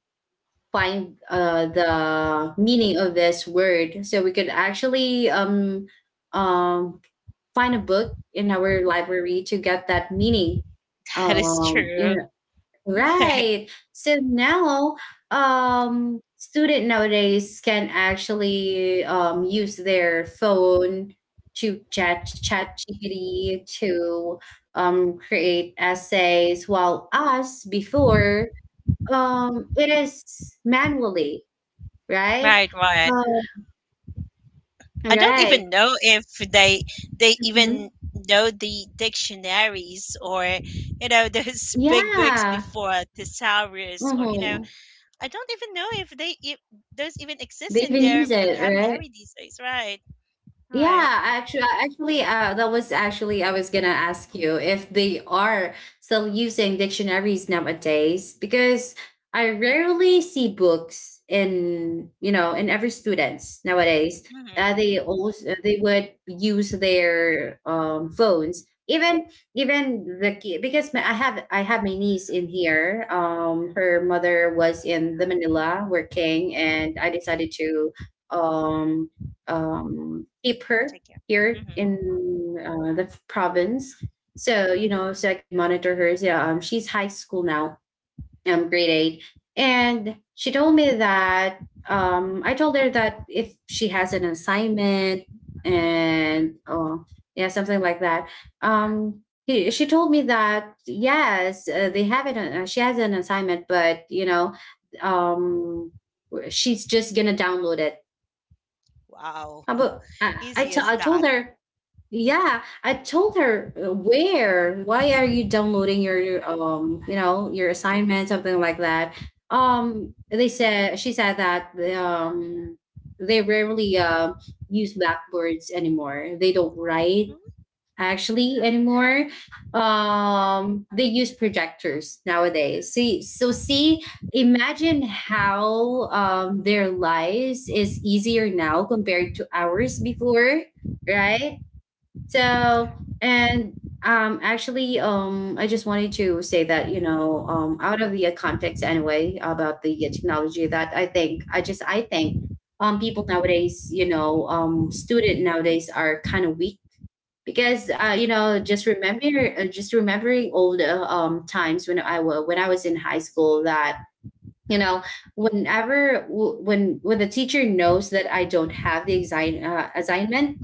find the meaning of this word, so we could actually, um, find a book in our library to get that meaning.
That is
um you
true.
know Right. So now, student nowadays can actually use their phone to chat GPT to create essays, while us before it is manually, right?
Right. Right.
Um,
I don't
right.
even know if they they
Mhm.
even know the dictionaries, or, you know, those big books
Yeah.
before, thesaurus, or, you know,
Hmm.
I don't even know if they if those even
They
exist in
even use
their
it, right?
vocabulary these days. Right,
Yeah,
right.
actually, that was actually I was gonna ask you if they are still using dictionaries nowadays because I rarely see books in, you know, in every students nowadays.
Mm-hmm.
They also they would use their phones, even even the because I have my niece in here. Her mother was in the Manila working, and I decided to um keep her
Take care.
here
Mm-hmm.
in the province. So you know, so I could monitor her. So, she's high school now, grade 8, and she told me that I told her that if she has an assignment
Mm-hmm.
and oh yeah, something like that. She told me that yes, they have it. She has an assignment, but you know, um, she's just gonna download it.
Wow,
But
easy as
I
that.
told her, yeah, I told her why are you downloading you know, your assignment, something like that. She said that, they rarely, use blackboards anymore. They don't write actually anymore. They use projectors nowadays. See, so see, imagine how their lives is easier now compared to ours before, right? So,
Mm-hmm.
and actually, I just wanted to say that you know, out of the context anyway about the technology that I think people nowadays, you know, student nowadays are kind of weak because you
Mm-hmm.
know just remembering old times when I wa when I was in high school that you know whenever when the teacher knows that I don't have the assignment,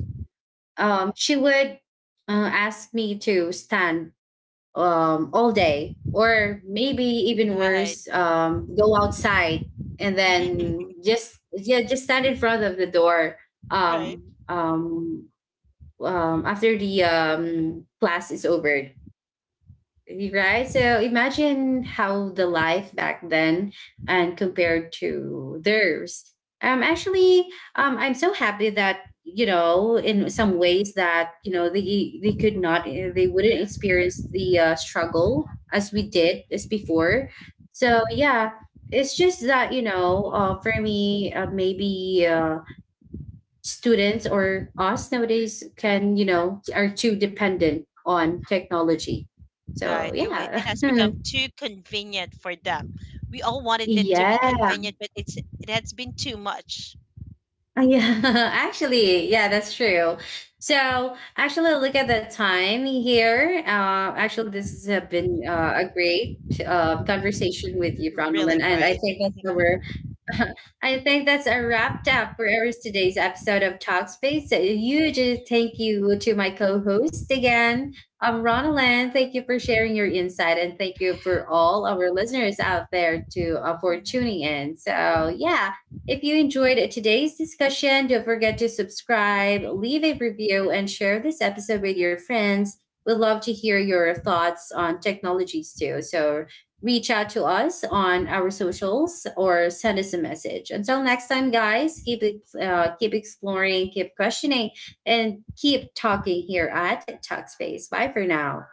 she would ask me to stand all day or maybe even
Right,
worse go outside and then just yeah just stand in front of the door
right,
um, um, after the class is over, right? So imagine how the life back then and compared to theirs. Actually, I'm so happy that you know, in some ways that you know they could not, they wouldn't experience the struggle as we did as before. So yeah, it's just that you know, for me, maybe. Students or us nowadays can you know are too dependent on technology, so
right. It wa-
yeah.
it has become too convenient for them. We all wanted it to be
yeah,
convenient, but it has been too much.
yeah. actually, yeah, that's true. So actually look at the time here, actually this has been a great conversation with you, Ronald,
Really
and I
great.
think that's where, I think that's a wrapped up for our today's episode of Talkspace. A huge thank you to my co-host again, Ronalan. Thank you for sharing your insight, and thank you for all our listeners out there to for tuning in. So yeah, if you enjoyed today's discussion, don't forget to subscribe, leave a review, and share this episode with your friends. We'd love to hear your thoughts on technologies too. So reach out to us on our socials or send us a message. Until next time, guys, keep exploring, keep questioning, and keep talking here at Talkspace. Bye for now.